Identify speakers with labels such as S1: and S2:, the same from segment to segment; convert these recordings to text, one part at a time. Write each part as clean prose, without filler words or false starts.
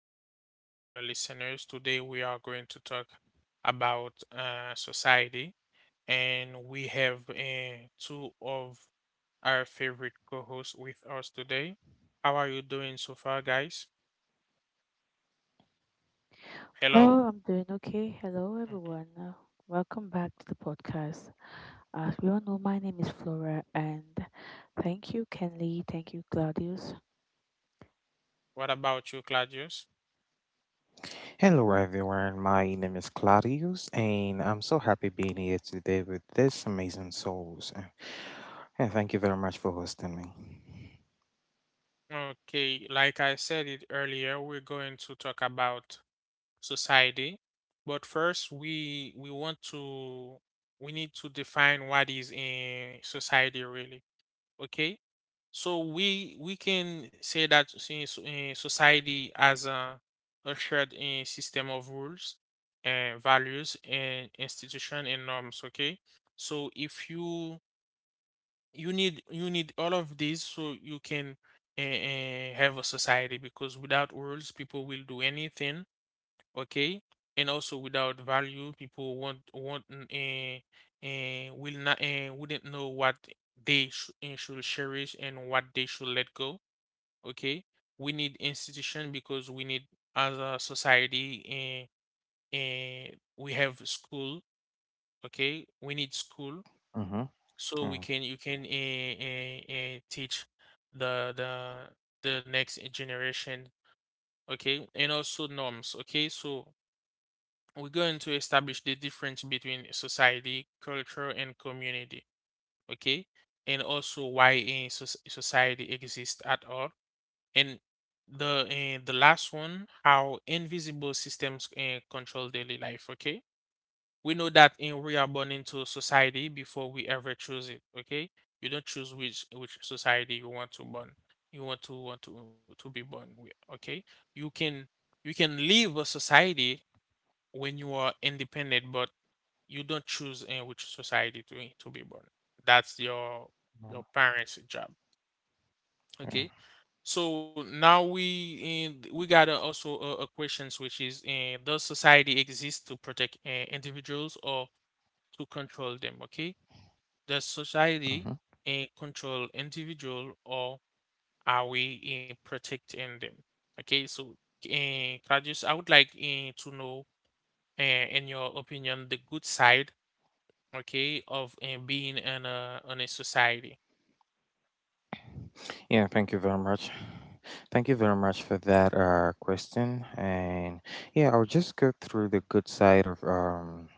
S1: back, our listeners. Today, we are going to talk about society, and we have two of our favorite co hosts with us today. How are you doing so far, guys? Hello.
S2: Well, I'm doing okay. Hello,
S1: Mhm.
S2: everyone. Welcome back to the podcast. As we all know, my name is Flora, and thank you, Kenley. Thank you, Claudius.
S1: What about you, Claudius?
S3: Hello everyone, my name is Claudius and I'm so happy being here today with this amazing souls. Yeah, thank you very much for hosting me.
S1: Okay, like I said it earlier, we're going to talk about society. But first, we want to we need to define what is in society really. Okay, so we can say that in society as a shared system of rules and values and institution and norms. Okay, so if you need you need all of these so you can have a society because without rules people will do anything, okay, and also without value people won't and will not and wouldn't know what should cherish and what they should let go. Okay, we need institution because we need as a society, and we have school. Okay, we need school
S3: Mm-hmm.
S1: so we
S3: Yeah,
S1: can you can teach the the next generation. Okay, and also norms. Okay, so we're going to establish the difference between society, culture, and community, okay? And also why a society exists at all. And the last one, how invisible systems control daily life, okay? We know that, we are born into society before we ever choose it, okay? You don't choose which society you want to born. You want to to be born with, okay? You can you can leave a society when you are independent, but you don't choose in which society to be born. That's your parents' job. Okay.
S3: yeah,
S1: So now we got also a questions which is, does society exist to protect individuals or to control them? Okay. Does society
S3: hmm
S1: control individual or are we protecting them? Okay. So, Claudius, I would like to know, in your opinion, the good side, okay, of and being in a society.
S3: yeah, thank you very much. Thank you very much for that question. And yeah, I'll just go through the good side of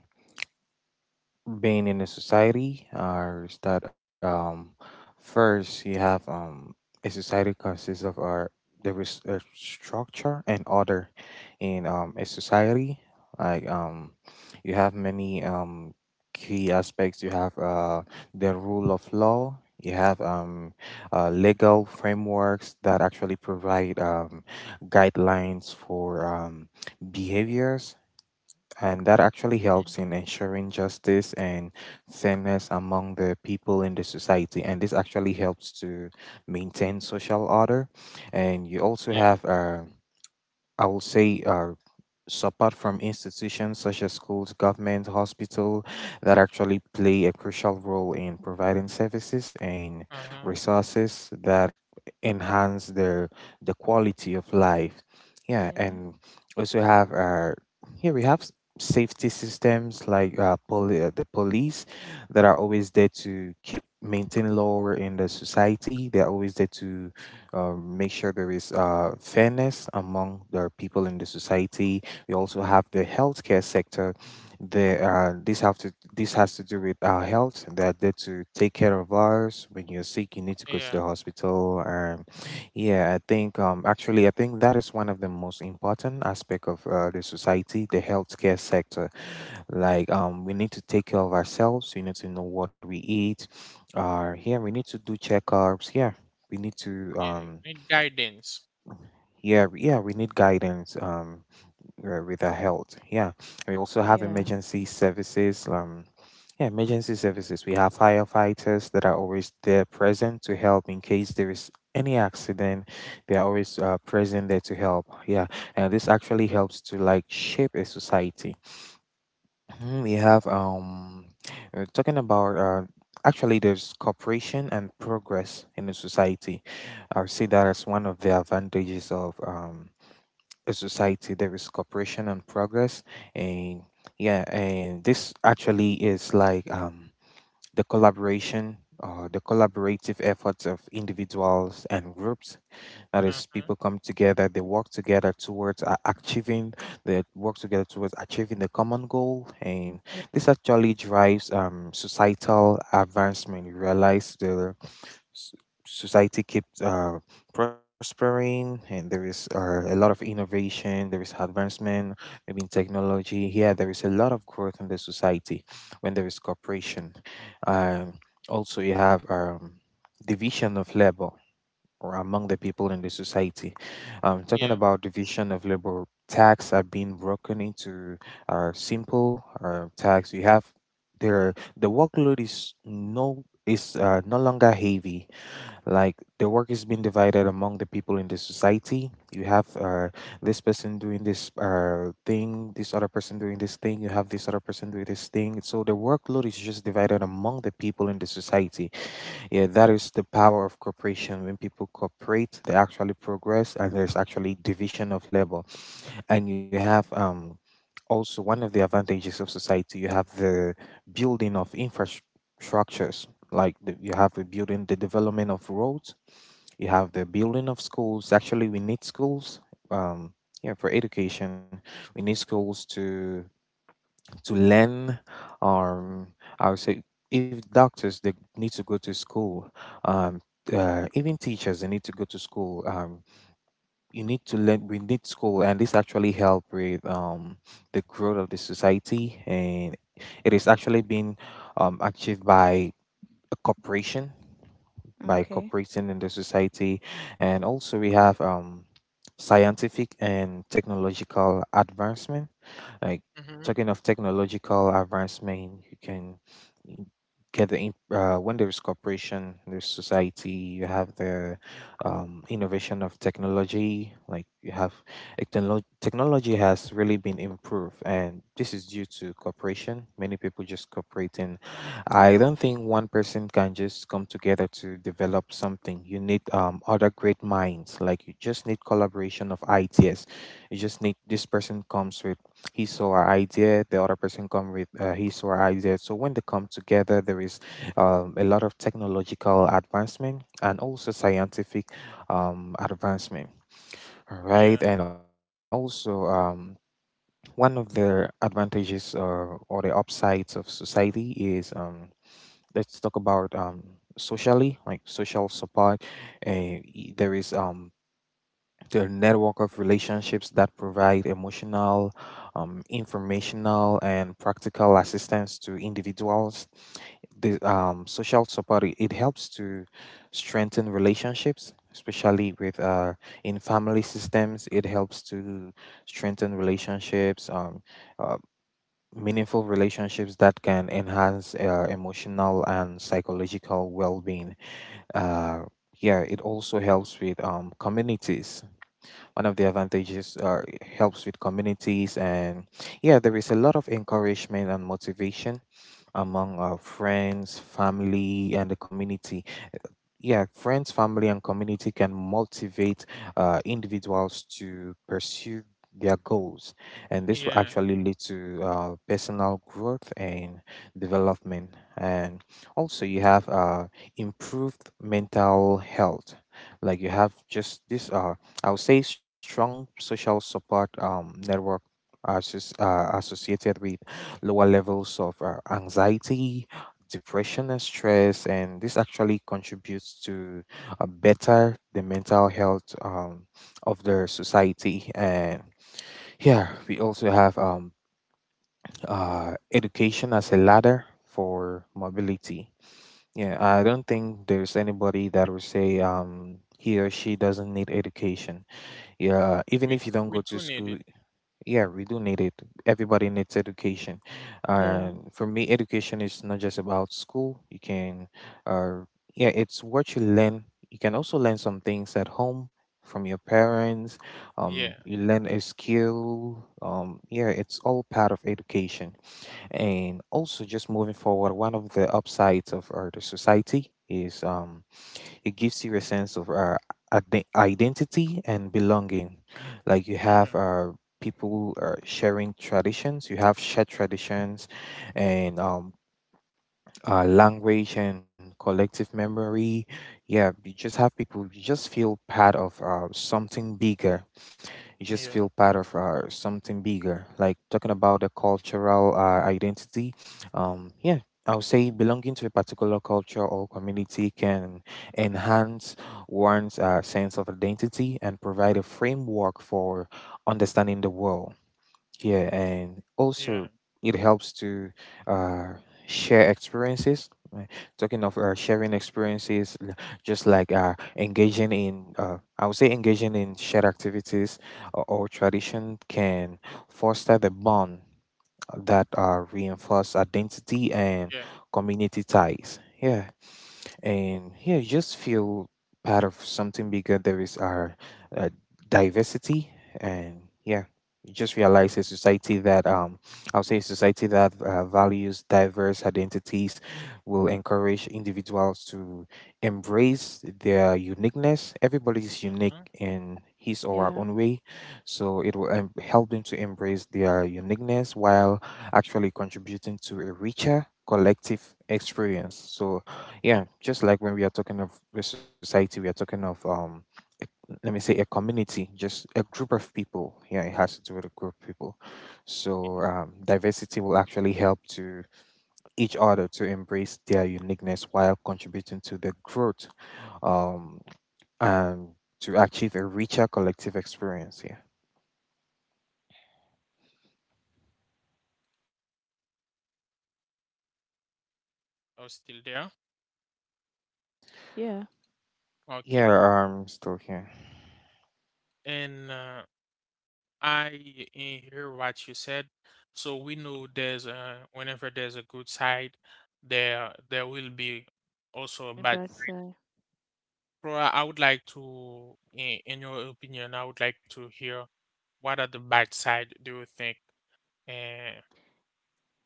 S3: being in a society is that first you have a society consists of our there is a structure and order in a society like you have many key aspects. You have the rule of law. You have legal frameworks that actually provide guidelines for behaviors, and that actually
S1: Mhm.
S3: helps in ensuring justice and fairness among the people in the society. And this actually helps to maintain social order. And you also
S1: Yeah.
S3: have I will say support from institutions such as schools, government, hospital that actually play a crucial role in providing services and
S1: Uh-huh.
S3: resources that enhance the quality of life. Yeah,
S2: Yeah,
S3: and also have here we have safety systems like the police that are always there to keep maintain law in the society. They are always there to make sure there is fairness among the people in the society. We also have the healthcare sector. The, this have to this has to do with our health. They're there to take care of ours. When you're sick, you need to go to
S1: Yeah.
S3: the hospital. Yeah, I think actually I think that is one of the most important aspect of the society, the healthcare sector. Like we need to take care of ourselves. We need to know what we eat. Here we need to do checkups. Yeah, we need to
S1: Yeah. Need guidance.
S3: yeah, we need guidance with our health. Yeah. We also have
S2: yeah,
S3: emergency services. Yeah, emergency services. We have firefighters that are always there present to help in case there is any accident. They are always present there to help. Yeah. And this actually helps to like shape a society. Mhm. We have talking about actually there's cooperation and progress in the society. I would say that as one of the advantages of a society, there is cooperation and progress. And yeah, and this actually is like the collaboration or the collaborative efforts of individuals and groups, that is,
S1: Uh-huh.
S3: people come together, they work together towards achieving the common goal. And
S2: yeah.
S3: this actually drives societal advancement. You realize the s- society keeps prospering, and there is a lot of innovation, there is advancement maybe in technology. Yeah, there is a lot of growth in the society when there is cooperation. um, also you have division of labor or among the people in the society. Talking
S1: Yeah.
S3: about division of labor, tax are being broken into simple tax. You have there the workload is no longer heavy. Like the work is being divided among the people in the society. You have this person doing this thing, this other person doing this thing, you have this other person doing this thing, so the workload is just divided among the people in the society. Yeah, that is the power of cooperation. When people cooperate, they actually progress and there's actually division of labor. And you have also one of the advantages of society, you have the building of infrastructures like you have the development of roads, you have the building of schools. Actually, we need schools. Um, yeah, for education, we need schools to learn. Um, I would say if doctors, they need to go to school. Um, even teachers, they need to go to school. You need to learn. We need school, and this actually help with the growth of the society, and it is actually being achieved by a cooperation, by
S2: Okay.
S3: cooperating in the society. And also we have scientific and technological advancement. Like
S1: Mm-hmm.
S3: talking of technological advancement, you can when there is cooperation, there's society. You have the innovation of technology. Like, technology has really been improved, and this is due to cooperation. Many people just cooperating. I don't think one person can just come together to develop something. You need other great minds. Like you just need collaboration of ideas. You just need this person comes with his or her idea, the other person come with his or her idea, so when they come together there is a lot of technological advancement and also scientific advancement. All
S1: Yeah.
S3: right, and also one of the advantages or the upsides of society is let's talk about socially, like social support. uh, there is their network of relationships that provide emotional, informational, and practical assistance to individuals. The social support, it helps to strengthen relationships, especially with in family systems. It helps to strengthen relationships. Uh, meaningful relationships that can enhance emotional and psychological well-being. uh, yeah, it also helps with communities. One of the advantages are it helps with communities, and yeah, there is a lot of encouragement and motivation among our friends, family, and the community. Yeah, friends, family, and community can motivate individuals to pursue their goals, and this will
S1: Yeah,
S3: actually lead to personal growth and development. And also, you have improved mental health. Like you have just this, I would say, strong social support network. Associated with lower levels of anxiety, depression and stress, and this actually contributes to a better the mental health of the society. And yeah, we also have education as a ladder for mobility. Yeah, I don't think there's anybody that will say he or she doesn't need education. Yeah, even if you don't
S1: We
S3: go to
S1: do need it.
S3: school, yeah, we do need it. Everybody needs education.
S2: Yeah,
S3: And for me, education is not just about school. You can, uh, yeah, it's what you learn. You can also learn some things at home from your parents.
S1: Yeah.
S3: You learn a skill. Yeah, it's all part of education. And also, just moving forward, one of the upsides of our society is it gives you a sense of identity and belonging. Like you
S1: Uh-huh.
S3: have you have shared traditions and language and collective memory. Yeah, you just have people, you just feel part of something bigger you just feel
S1: Yeah.
S3: part of something bigger. Like talking about the cultural identity, yeah, I would say belonging to a particular culture or community can enhance one's sense of identity and provide a framework for understanding the world. Yeah, and
S1: Yeah.
S3: also it helps to uh, share experiences. Uh, Talking of sharing experiences, l- just like engaging in, I would say engaging in shared activities or tradition can foster the bond that reinforce identity and
S1: Yeah.
S3: community ties. Yeah, and yeah, you just feel part of something bigger. There is our uh, diversity, and yeah, you just realize a society that I'll say a society that values diverse identities will encourage individuals to embrace their uniqueness. Everybody is unique
S1: Uh-huh.
S3: in his or her own
S2: yeah,
S3: way, so it will help them to embrace their uniqueness while actually contributing to a richer collective experience. So
S1: Yeah.
S3: yeah, just like when we are talking of the society, we are talking of let me say a community, just a group of people. Yeah, it has to do with a group of people. So diversity will actually help to each other to embrace their uniqueness while contributing to the growth um, and to achieve a richer collective experience. Yeah.
S1: I was still there.
S2: yeah.
S3: Yeah,
S1: Okay.
S3: I'm still here.
S1: And, I hear what you said. So we know there's whenever there's a good side, there will be also a bad.
S2: But
S1: So I would like to, in your opinion, I would like to hear what are the bad side do you think, uh,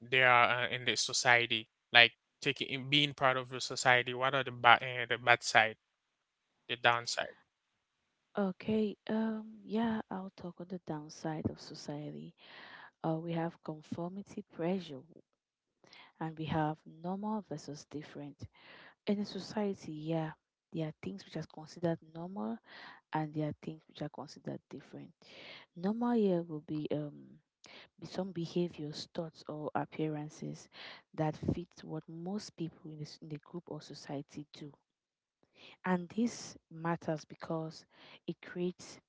S1: there are in the society? Like taking being part of the society, what are the bad, the bad side, the downside?
S2: okay. Yeah, I'll talk on the downside of society. We have conformity pressure, and we have normal versus different. In a society, yeah, there are things which are considered normal and there are things which are considered different. Normal year will be some behaviors, thoughts, or appearances that fit what most people in the group or society do, and this matters because it creates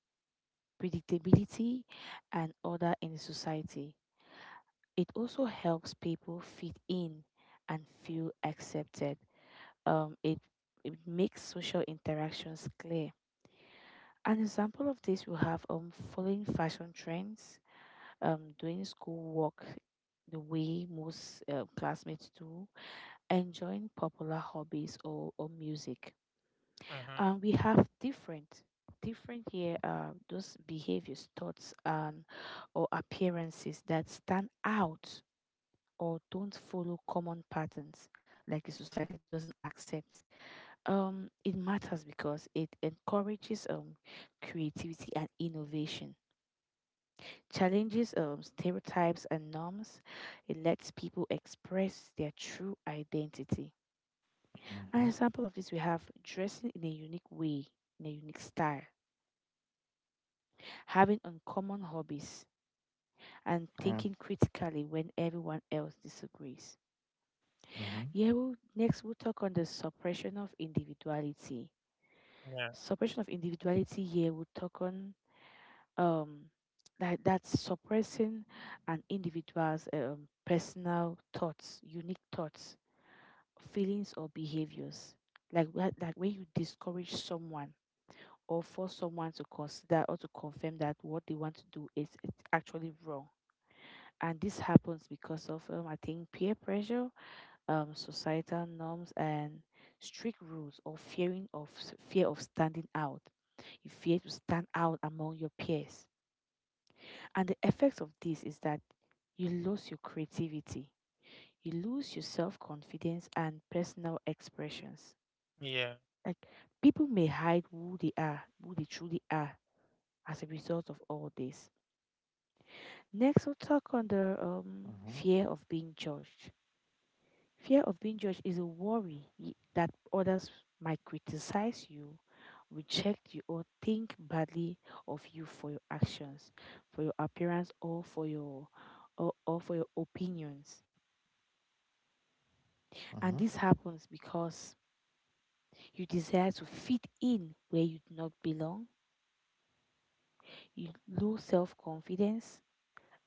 S2: predictability and order in the society. It also helps people fit in and feel accepted. Um, it it makes social interactions clear. An example of this we have following fashion trends, doing schoolwork the way most classmates do, enjoying popular hobbies or music.
S1: Uh-huh.
S2: And we have different, different here, those behaviors, thoughts, and or appearances that stand out or don't follow common patterns, like the society doesn't accept. It matters because it encourages creativity and innovation, challenges stereotypes and norms. It lets people express their true identity. An
S3: Mm-hmm.
S2: example of this we have dressing in a unique way, in a unique style, having uncommon hobbies, and
S3: Yeah.
S2: thinking critically when everyone else disagrees.
S3: Mm-hmm.
S2: Yeah, we'll, next we'll talk on the suppression of individuality.
S1: Yeah,
S2: Suppression of individuality here we'll talk on um that that's suppressing an individual's personal thoughts, unique thoughts, feelings or behaviors, like when you discourage someone or force someone to consider or to confirm that what they want to do is it's actually wrong. And this happens because of I think peer pressure, societal norms and strict rules, or fear of standing out. You fear to stand out among your peers, and the effects of this is that you lose your creativity, you lose your self confidence and personal expressions.
S1: yeah,
S2: Like people may hide who they are, who they truly are, as a result of all this. Next, we'll talk on the
S3: Mm-hmm.
S2: fear of being judged. Fear of being judged is a worry that others might criticize you, reject you, or think badly of you for your actions, for your appearance, or for your opinions.
S3: Mm-hmm.
S2: And this happens because you desire to fit in where you do not belong, you low self confidence,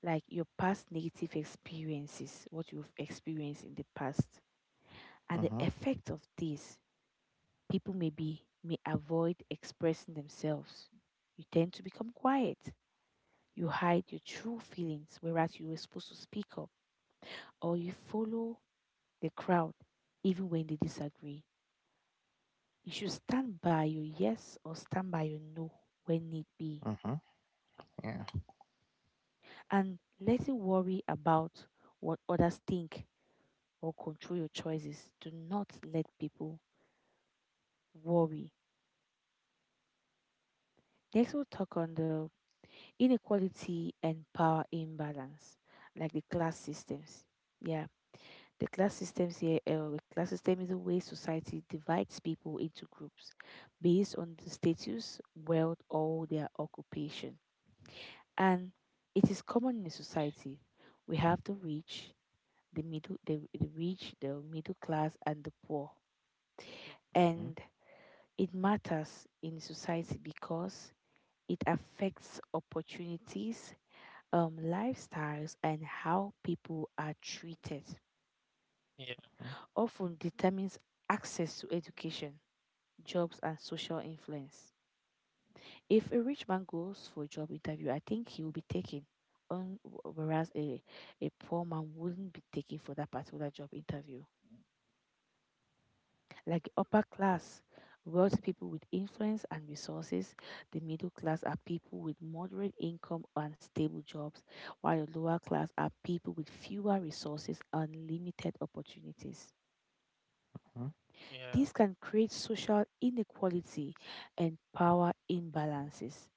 S2: like your past negative experiences, what you've experienced in the past, and the
S3: Mm-hmm.
S2: effect of this, people may avoid expressing themselves. You tend to become quiet. You hide your true feelings, whereas you were supposed to speak up, or you follow the crowd, even when they disagree. You should stand by your yes or stand by your no when need be,
S3: Mm-hmm, yeah.
S2: and letting worry about what others think or control your choices. Do not let people worry. Next, we'll talk on the inequality and power imbalance, like the class systems. Yeah, the class systems here, the class system is a way society divides people into groups based on the status, wealth, or their occupation. And it is common in a society. We have the rich, the rich, the middle class, and the poor.
S1: mm,
S3: Mm-hmm.
S2: And it matters in society because it affects opportunities, lifestyles, and how people are treated,
S1: yeah,
S3: Mm-hmm.
S2: often determines access to education, jobs, and social influence. If a rich man goes for a job interview, I think he will be taken on, whereas a poor man wouldn't be taken for that particular job interview. Like the upper class, wealthy people with influence and resources. The middle class are people with moderate income and stable jobs, while the lower class are people with fewer resources and limited opportunities.
S1: yeah,
S2: This can create social inequality and power imbalances.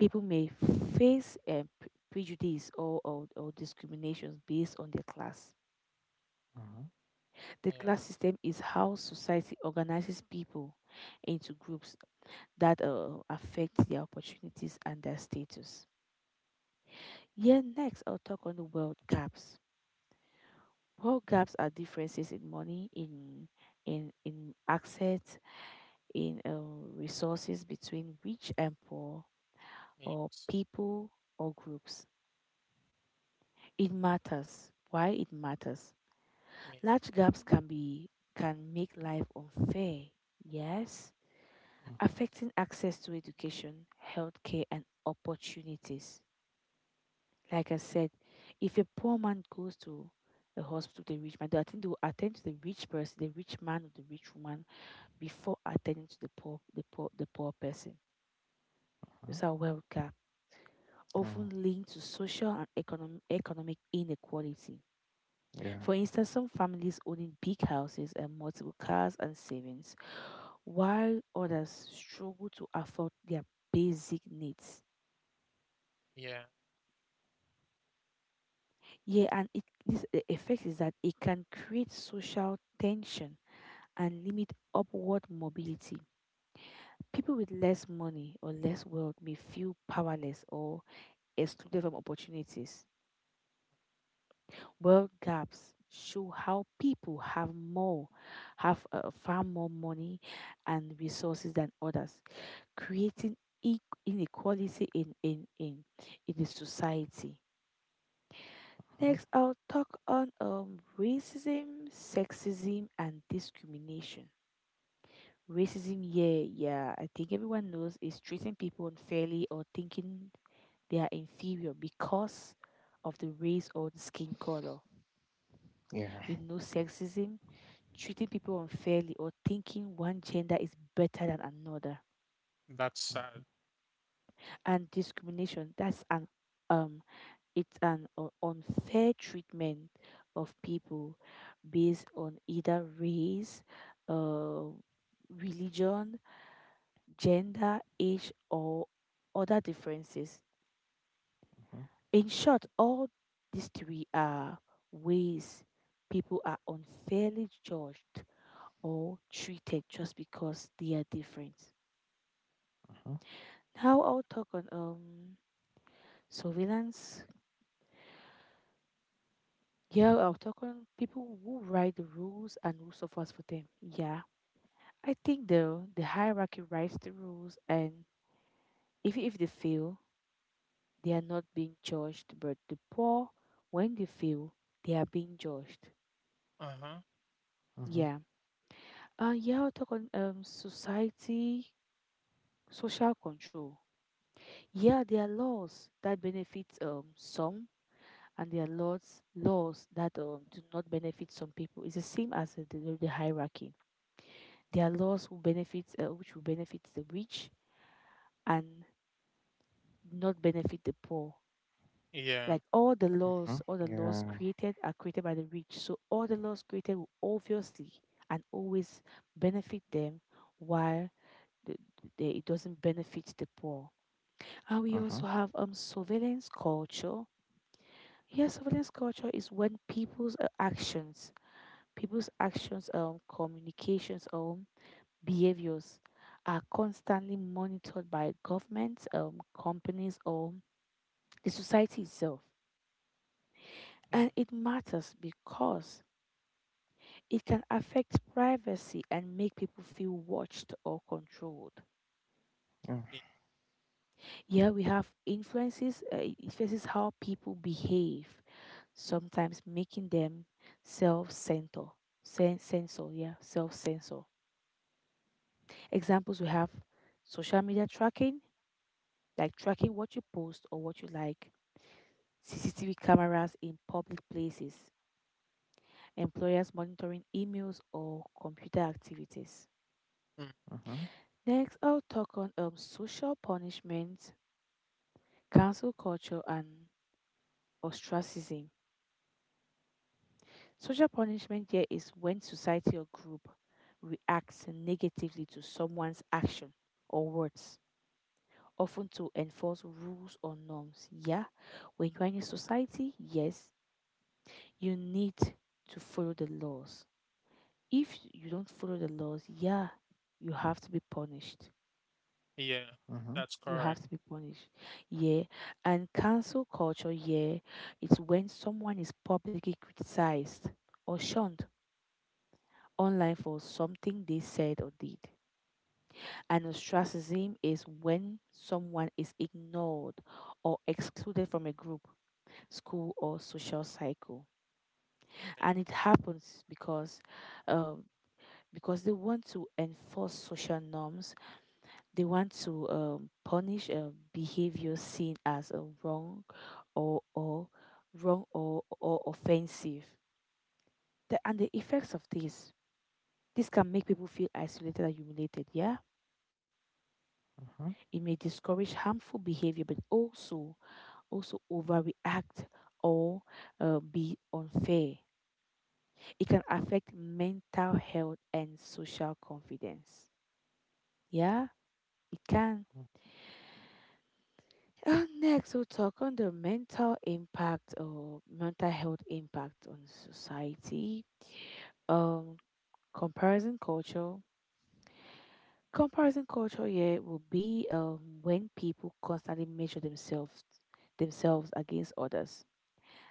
S2: People may face prejudice or discriminations based on their class.
S3: Mm-hmm.
S2: The class
S1: yeah,
S2: system is how society organizes people into groups that affect their opportunities and their status. Yeah, next I'll talk on the wealth gaps. Wealth gaps are differences in money, in access, in resources between rich and poor, or
S1: yes,
S2: people or groups. It matters. Why it matters?
S1: yeah,
S2: Large gaps can make life unfair. Yes,
S1: yeah,
S3: Mm-hmm, mm-hmm.
S2: affecting access to education, healthcare, and opportunities. Like I said, if a poor man goes to a hospital, the rich man, I think they will attend to the rich person, the rich man or the rich woman before attending to the poor person. These are wealth gap, often
S3: Mm,
S2: linked to social and economic inequality. For
S3: yeah.
S2: instance, some families owning big houses and multiple cars and savings, while others struggle to afford their basic needs.
S1: yeah.
S2: Yeah, and the effect is that it can create social tension and limit upward mobility. People with less money or less wealth may feel powerless or excluded from opportunities. Wealth gaps show how people have far more money and resources than others, creating e- inequality in the society.
S3: Uh-huh.
S2: Next, I'll talk on racism, sexism, and discrimination. Racism, yeah, yeah. I think everyone knows is treating people unfairly or thinking they are inferior because of the race or the skin color.
S3: Yeah.
S2: We know sexism, treating people unfairly or thinking one gender is better than another.
S1: That's sad.
S3: Uh-huh.
S2: And discrimination, that's um an unfair treatment of people based on either race, uh, religion, gender, age, or other differences. In short, all these three are ways people are unfairly judged or treated just because they are different.
S3: Uh-huh.
S2: Now I'll talk on surveillance. Yeah, I'll talk on people who write the rules and who suffers for them. Yeah, I think the hierarchy writes the rules, and if they fail, they are not being judged, but the poor, when they fail, they are being judged.
S1: Uh-huh.
S2: Yeah.
S3: Uh-huh.
S2: Yeah, I'll talk on society, social control. Yeah, there are laws that benefit some, and there are laws that do not benefit some people. It's the same as the the hierarchy. There are laws who benefit which will benefit the rich and not benefit the poor.
S1: Yeah,
S2: Like
S3: Uh-huh.
S2: all the laws
S3: Yeah.
S2: created are created by the rich. So all the laws created will obviously and always benefit them, while the, it doesn't benefit the poor. And we also
S3: Uh-huh.
S2: have surveillance culture. Yes, surveillance culture is when people's actions, communications, behaviors are constantly monitored by governments, companies, or the society itself.
S1: yeah,
S2: And it matters because it can affect privacy and make people feel watched or controlled.
S3: Yeah.
S1: yeah,
S2: Yeah, we have influences, it influences how people behave, sometimes making them self-censor. Self-censor. Examples we have social media tracking, like tracking what you post or what you like, CCTV cameras in public places, employers monitoring emails or computer activities.
S1: mm,
S3: Uh-huh.
S2: Next, I'll talk on social punishment, cancel culture, and ostracism. Social punishment here is when society or group reacts negatively to someone's action or words, often to enforce rules or norms. Yeah, when you're in a society, yes, you need to follow the laws. If you don't follow the laws, yeah, you have to be punished.
S1: yeah.
S3: Uh-huh.
S1: That's
S2: You have
S1: correct.
S2: to be punished. Yeah. And cancel culture, yeah, it's when someone is publicly criticized or shunned online for something they said or did. And ostracism is when someone is ignored or excluded from a group, school, or social cycle. And it happens um, because they want to enforce social norms. They want to punish a behavior seen as a or or wrong or offensive. And the effects of this, this can make people feel isolated and humiliated. Yeah,
S3: Uh-huh.
S2: it may discourage harmful behavior, but also also overreact or be unfair. It can affect mental health and social confidence. Yeah, it can. Next, we'll talk on the mental impact or mental health impact on society. Um, comparison culture. Comparison culture, yeah, will be when people constantly measure themselves against others,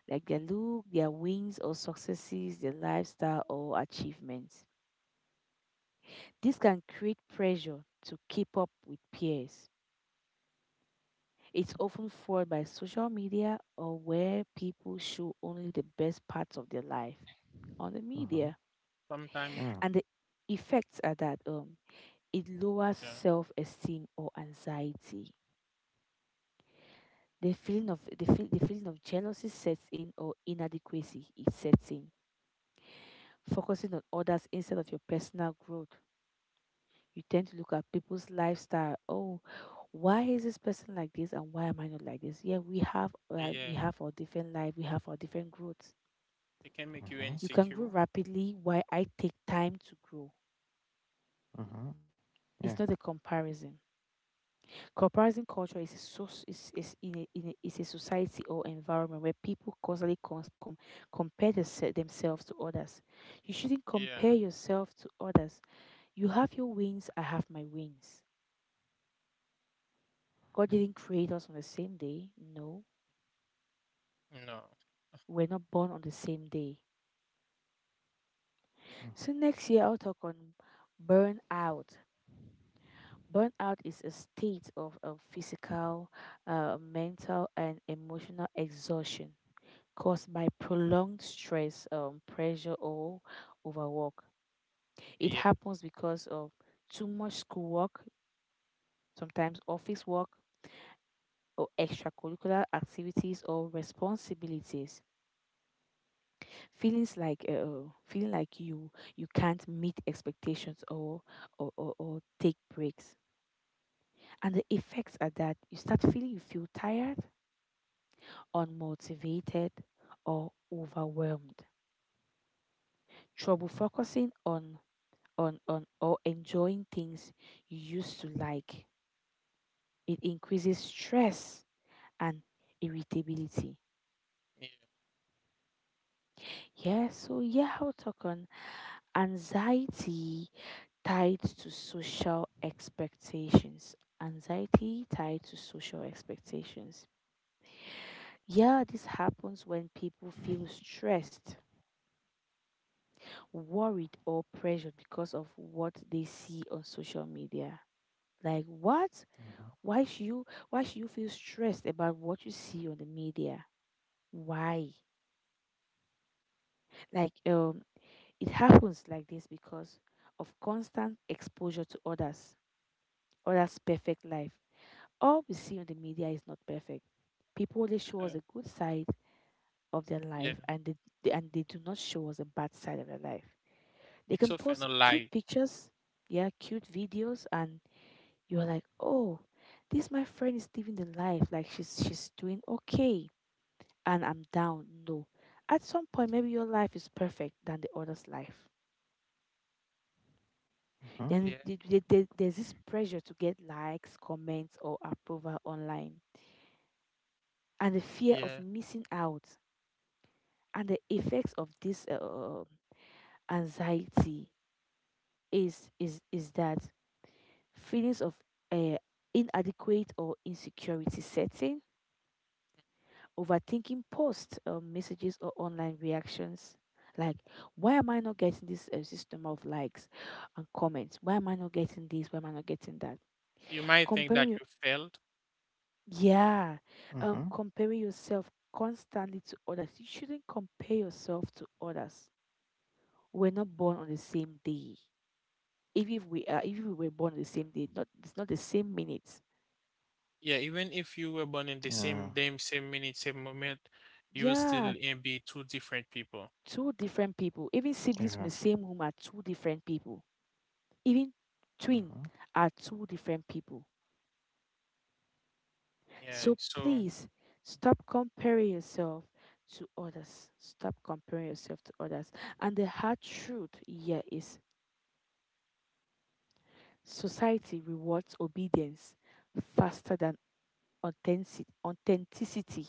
S2: like their look, their wins or successes, their lifestyle or achievements. This can create pressure to keep up with peers. It's often fueled by social media or where people show only the best parts of their life on the media.
S3: Uh-huh.
S1: Sometimes,
S2: And
S3: Yeah.
S2: the effects are that it lowers
S1: yeah,
S2: self esteem or anxiety. The feeling of jealousy sets in or inadequacy it sets in. Focusing on others instead of your personal growth. You tend to look at people's lifestyle. Oh, why is this person like this and why am I not like this? Yeah,
S1: yeah.
S2: we have our different life, we have our different growth.
S1: It can make you
S2: You
S3: Uh-huh.
S2: can grow
S1: insecure.
S2: rapidly while I take time to grow.
S3: Uh-huh.
S2: It's
S3: Yeah.
S2: not a comparison. Comparison culture is a, soc- is in a, is a society or environment where people constantly themselves to others. You shouldn't compare
S1: Yeah.
S2: yourself to others. You have your wings, I have my wings. God didn't
S3: Uh-huh.
S2: create us on the same day. No,
S1: No.
S2: we're not born on the same day. So
S3: Uh-huh.
S2: next year I'll talk on burnout. Burnout is a state of physical, mental, and emotional exhaustion caused by prolonged stress, pressure, or overwork. It
S1: Yeah.
S2: happens because of too much schoolwork, sometimes office work, or extracurricular activities or responsibilities. Feelings like feeling like you can't meet expectations or take breaks. And the effects are that you feel tired, unmotivated, or overwhelmed. Trouble focusing on or enjoying things you used to like. It increases stress and irritability.
S1: Yeah.
S2: Yeah, so yeah, I'll talk on anxiety tied to social expectations. Anxiety tied to social expectations. Yeah, this happens when people feel stressed, worried or pressured because of what they see on social media. Like what? Why should you why should you feel stressed about what you see on the media? Why? Like it happens like this because of constant exposure to others, others' perfect life. All we see on the media is not perfect. People only show us
S1: uh,
S2: a good side of their
S1: Yeah.
S2: life and they do not show us a bad side of their life. They
S1: It's
S2: can
S1: often
S2: post
S1: a
S2: cute
S1: lie.
S2: pictures, yeah, cute videos and you're like, oh, this my friend is living the life, like she's doing okay, and I'm down. No, at some point, maybe your life is perfect than the other's life.
S3: Uh-huh.
S2: Then
S1: Yeah.
S2: there's this pressure to get likes, comments, or approval online, and the fear of
S1: Yeah.
S2: missing out, and the effects of this anxiety is that feelings of uh, inadequate or insecurity setting, overthinking posts or messages or online reactions. Like, why am I not getting this system of likes and comments? Why am I not getting this? Why am I not getting that?
S1: You might think
S2: Comparing,
S1: that
S2: your-
S1: you failed.
S2: yeah,
S3: Uh-huh.
S2: comparing yourself constantly to others. You shouldn't compare yourself to others. We're not born on the same day. Even if we are, even if we were born on the same day, not it's not the same minutes.
S1: Yeah. Even if you were born in the same
S3: Yeah.
S1: day, same minute, same moment, you will
S2: Yeah,
S1: still be two different people.
S2: two different people. Even siblings from
S3: Mm-hmm,
S2: the
S3: yeah.
S2: same womb are two different people, even twin
S3: Uh-huh.
S2: are two different people.
S1: Yeah.
S2: So
S1: So,
S2: please stop comparing yourself to others. Stop comparing yourself to others. And the hard truth here is society rewards obedience faster than authenticity.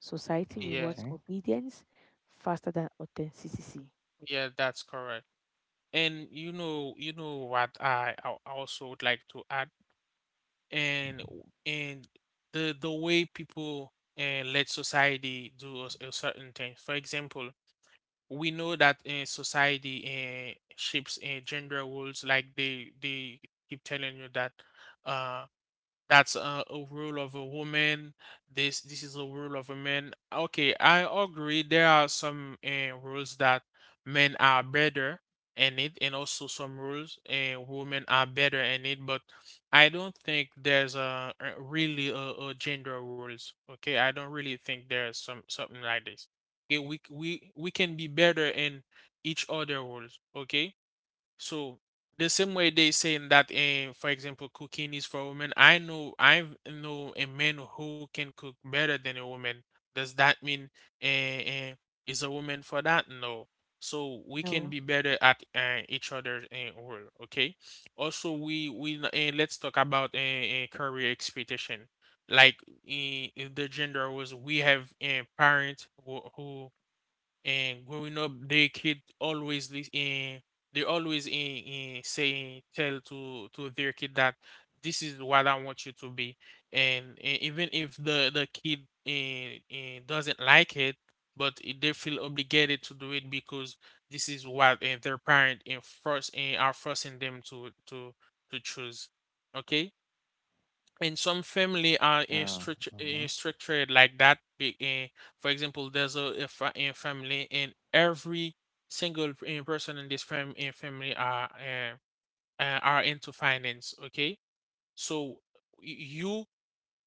S2: Society
S1: yeah.
S2: rewards
S3: Okay.
S2: obedience faster than authenticity.
S1: Yeah. That's correct. And you know what I also would like to add, and and the way people and let society do a certain thing. For example, we know that in society shapes gender roles like they keep telling you that uh that's a role of a woman. This is a role of a man. Okay, I agree. There are some rules that men are better in it, and also some rules, women are better in it. But I don't think there's a really a gender rules. Okay, I don't really think there's some something like this. Okay, we c- we can be better in each other roles. Okay, so the same way they saying that, for example, cooking is for women. I know a man who can cook better than a woman. Does that mean, eh, eh, is a woman for that? No. So we can
S2: No,
S1: be better at, each other's role. Okay. Also, we let's talk about career expectation. Like, the gender was, we have a parent who and growing up, their kid always they always in saying tell to their kid that this is what I want you to be. And, even if the kid doesn't like it, but they feel obligated to do it because this is what, their parent and first, are forcing them to to choose. Okay, and some family are in
S3: Yeah.
S1: structure in
S3: Uh-huh.
S1: structured like that, for example, there's a family and every person in this family are, are into finance, okay. So you,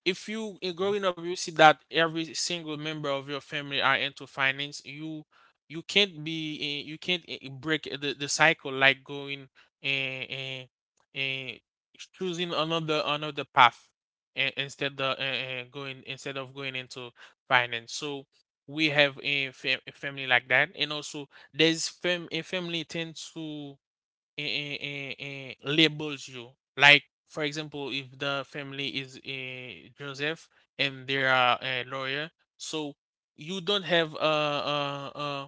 S1: if you, growing up you see that every single member of your family are into finance, you can't be, you can't, break the cycle like going and, uh, choosing another path, instead of going into finance. So we have a family like that, and also there's a family tends to, labels you. Like, for example, if the family is, Joseph, and they are a lawyer, so you don't have,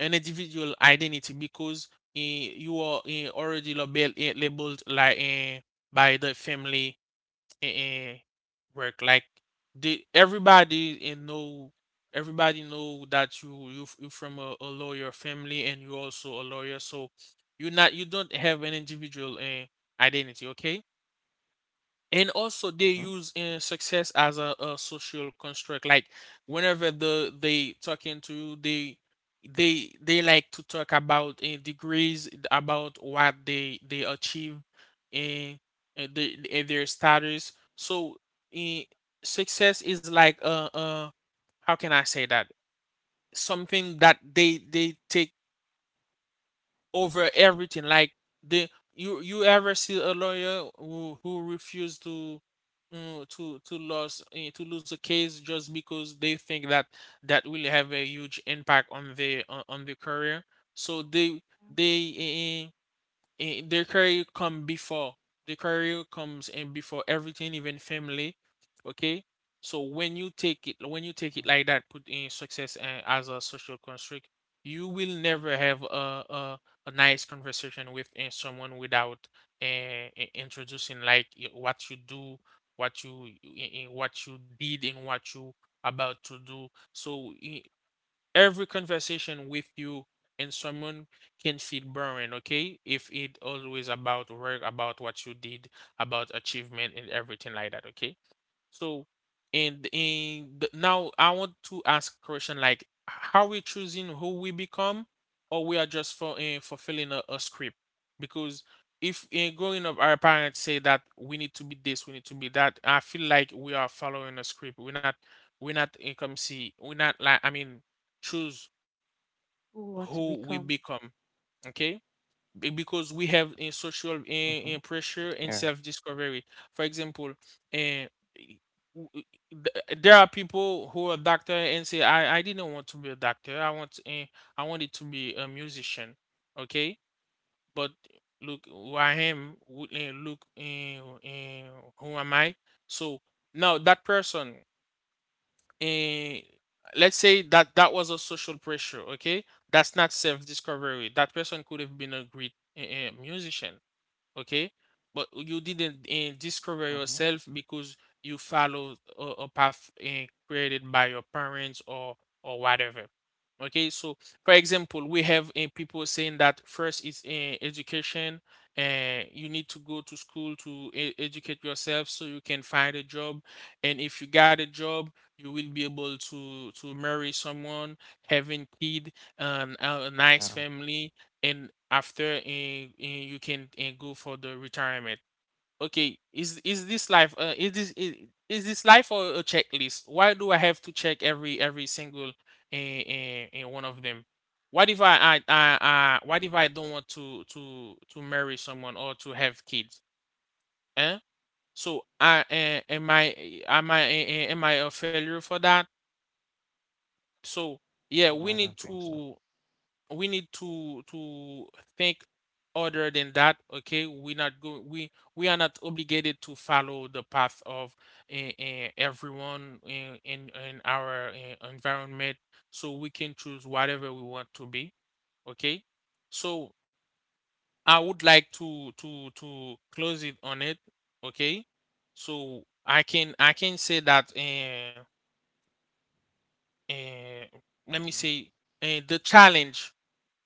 S1: an individual identity because, you are, already labeled like, by the family and work. Like the everybody and know everybody know that you you from a lawyer family and you also a lawyer, so you don't have an individual, identity. Okay, and also they
S3: Uh-huh.
S1: use, success as a social construct. Like whenever they talking to you, they they like to talk about, degrees, about what they achieve and, their status. So, uh, success is like, how can I say that, something that they take over everything. Like the you you ever see a lawyer who refuse to, to lose, to lose a case just because they think that that will have a huge impact on the, on the career. So they eh, and their career come before, the career comes and before everything, even family. Okay, so when you take it, when you take it like that, put in success, as a social construct, you will never have a, a nice conversation with, someone without, uh, introducing like what you do, what you, what you did, and what you about to do. So every conversation with you and someone can feel boring, okay? If it always about work, about what you did, about achievement and everything like that, okay? So, and in the, now I want to ask a question like how we choosing who we become, or we are just for, fulfilling a script? Because if in growing up our parents say that we need to be this, we need to be that, I feel like we are following a script. We're not like I mean choose
S2: who want to
S1: who we
S2: become?
S1: become. Okay, because we have in social
S3: Uh-huh.
S1: in pressure and
S3: Yeah.
S1: self discovery. For example, and there are people who are doctor and say, I didn't want to be a doctor. I wanted to be a musician. Okay, but look who I am. Look, who am I? So now that person, eh, let's say that that was a social pressure. Okay, that's not self discovery. That person could have been a great, musician, okay, but you didn't, discover
S3: Uh-huh.
S1: yourself because you followed a path, created by your parents or whatever. Okay, so for example, we have, people saying that first is, education, and you need to go to school to educate yourself so you can find a job. And if you got a job, you will be able to marry someone, having kid, a nice
S3: Yeah.
S1: family, and after and, you can and go for the retirement. Okay, is this life is this life or a checklist? Why do I have to check every single and one of them? What if I, I what if I don't want to to marry someone or to have kids, eh? So I eh, am I eh, eh, am I a failure for that? So yeah, we
S3: Mm-hmm, I
S1: need
S3: don't think
S1: to,
S3: so.
S1: we need to think other than that. Okay, we are not obligated to follow the path of, everyone in our, environment. So we can choose whatever we want to be, okay. So I would like to to close it on it, okay. So I can I can say that, uh, let me say, the challenge,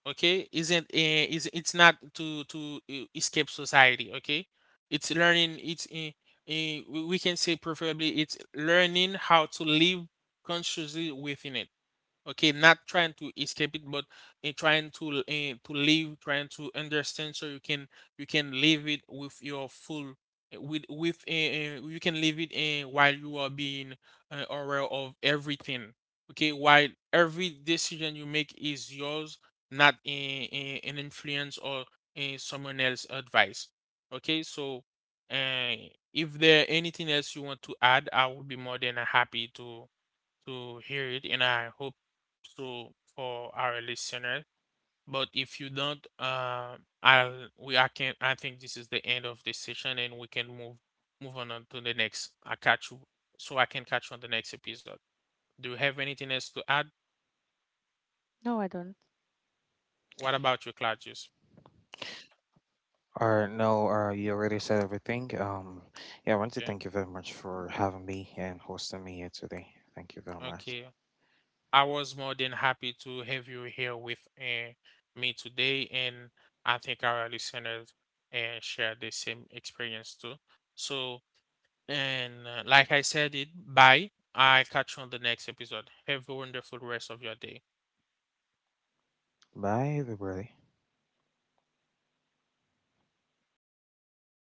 S1: okay, isn't is it's not to escape society, okay. It's learning, it's, we can say preferably it's learning how to live consciously within it. Okay, not trying to escape it, but in trying to, to live trying to understand, so you can, you can live it with your full, eh, with you can live it, while you are being, aware of everything, okay, while every decision you make is yours, not, an influence or, someone else's advice. Okay, so, uh, if there anything else you want to add, I would be more than happy to hear it, and I hope so for our listeners. But if you don't, I'll we I can I think this is the end of this session, and we can move on to the next. So I can catch you on the next episode. Do you have anything else to add?
S2: No, I don't.
S1: What about you, Claudius?
S3: No, you already said everything. Yeah, I want to
S1: Yeah.
S3: thank you very much for having me and hosting me here today. Thank you very
S1: Okay.
S3: much.
S1: I was more than happy to have you here with, me today, and I think our listeners and share the same experience too. So. And, like I said it, bye. I catch you on the next episode. Have a wonderful rest of your day.
S3: Bye, everybody.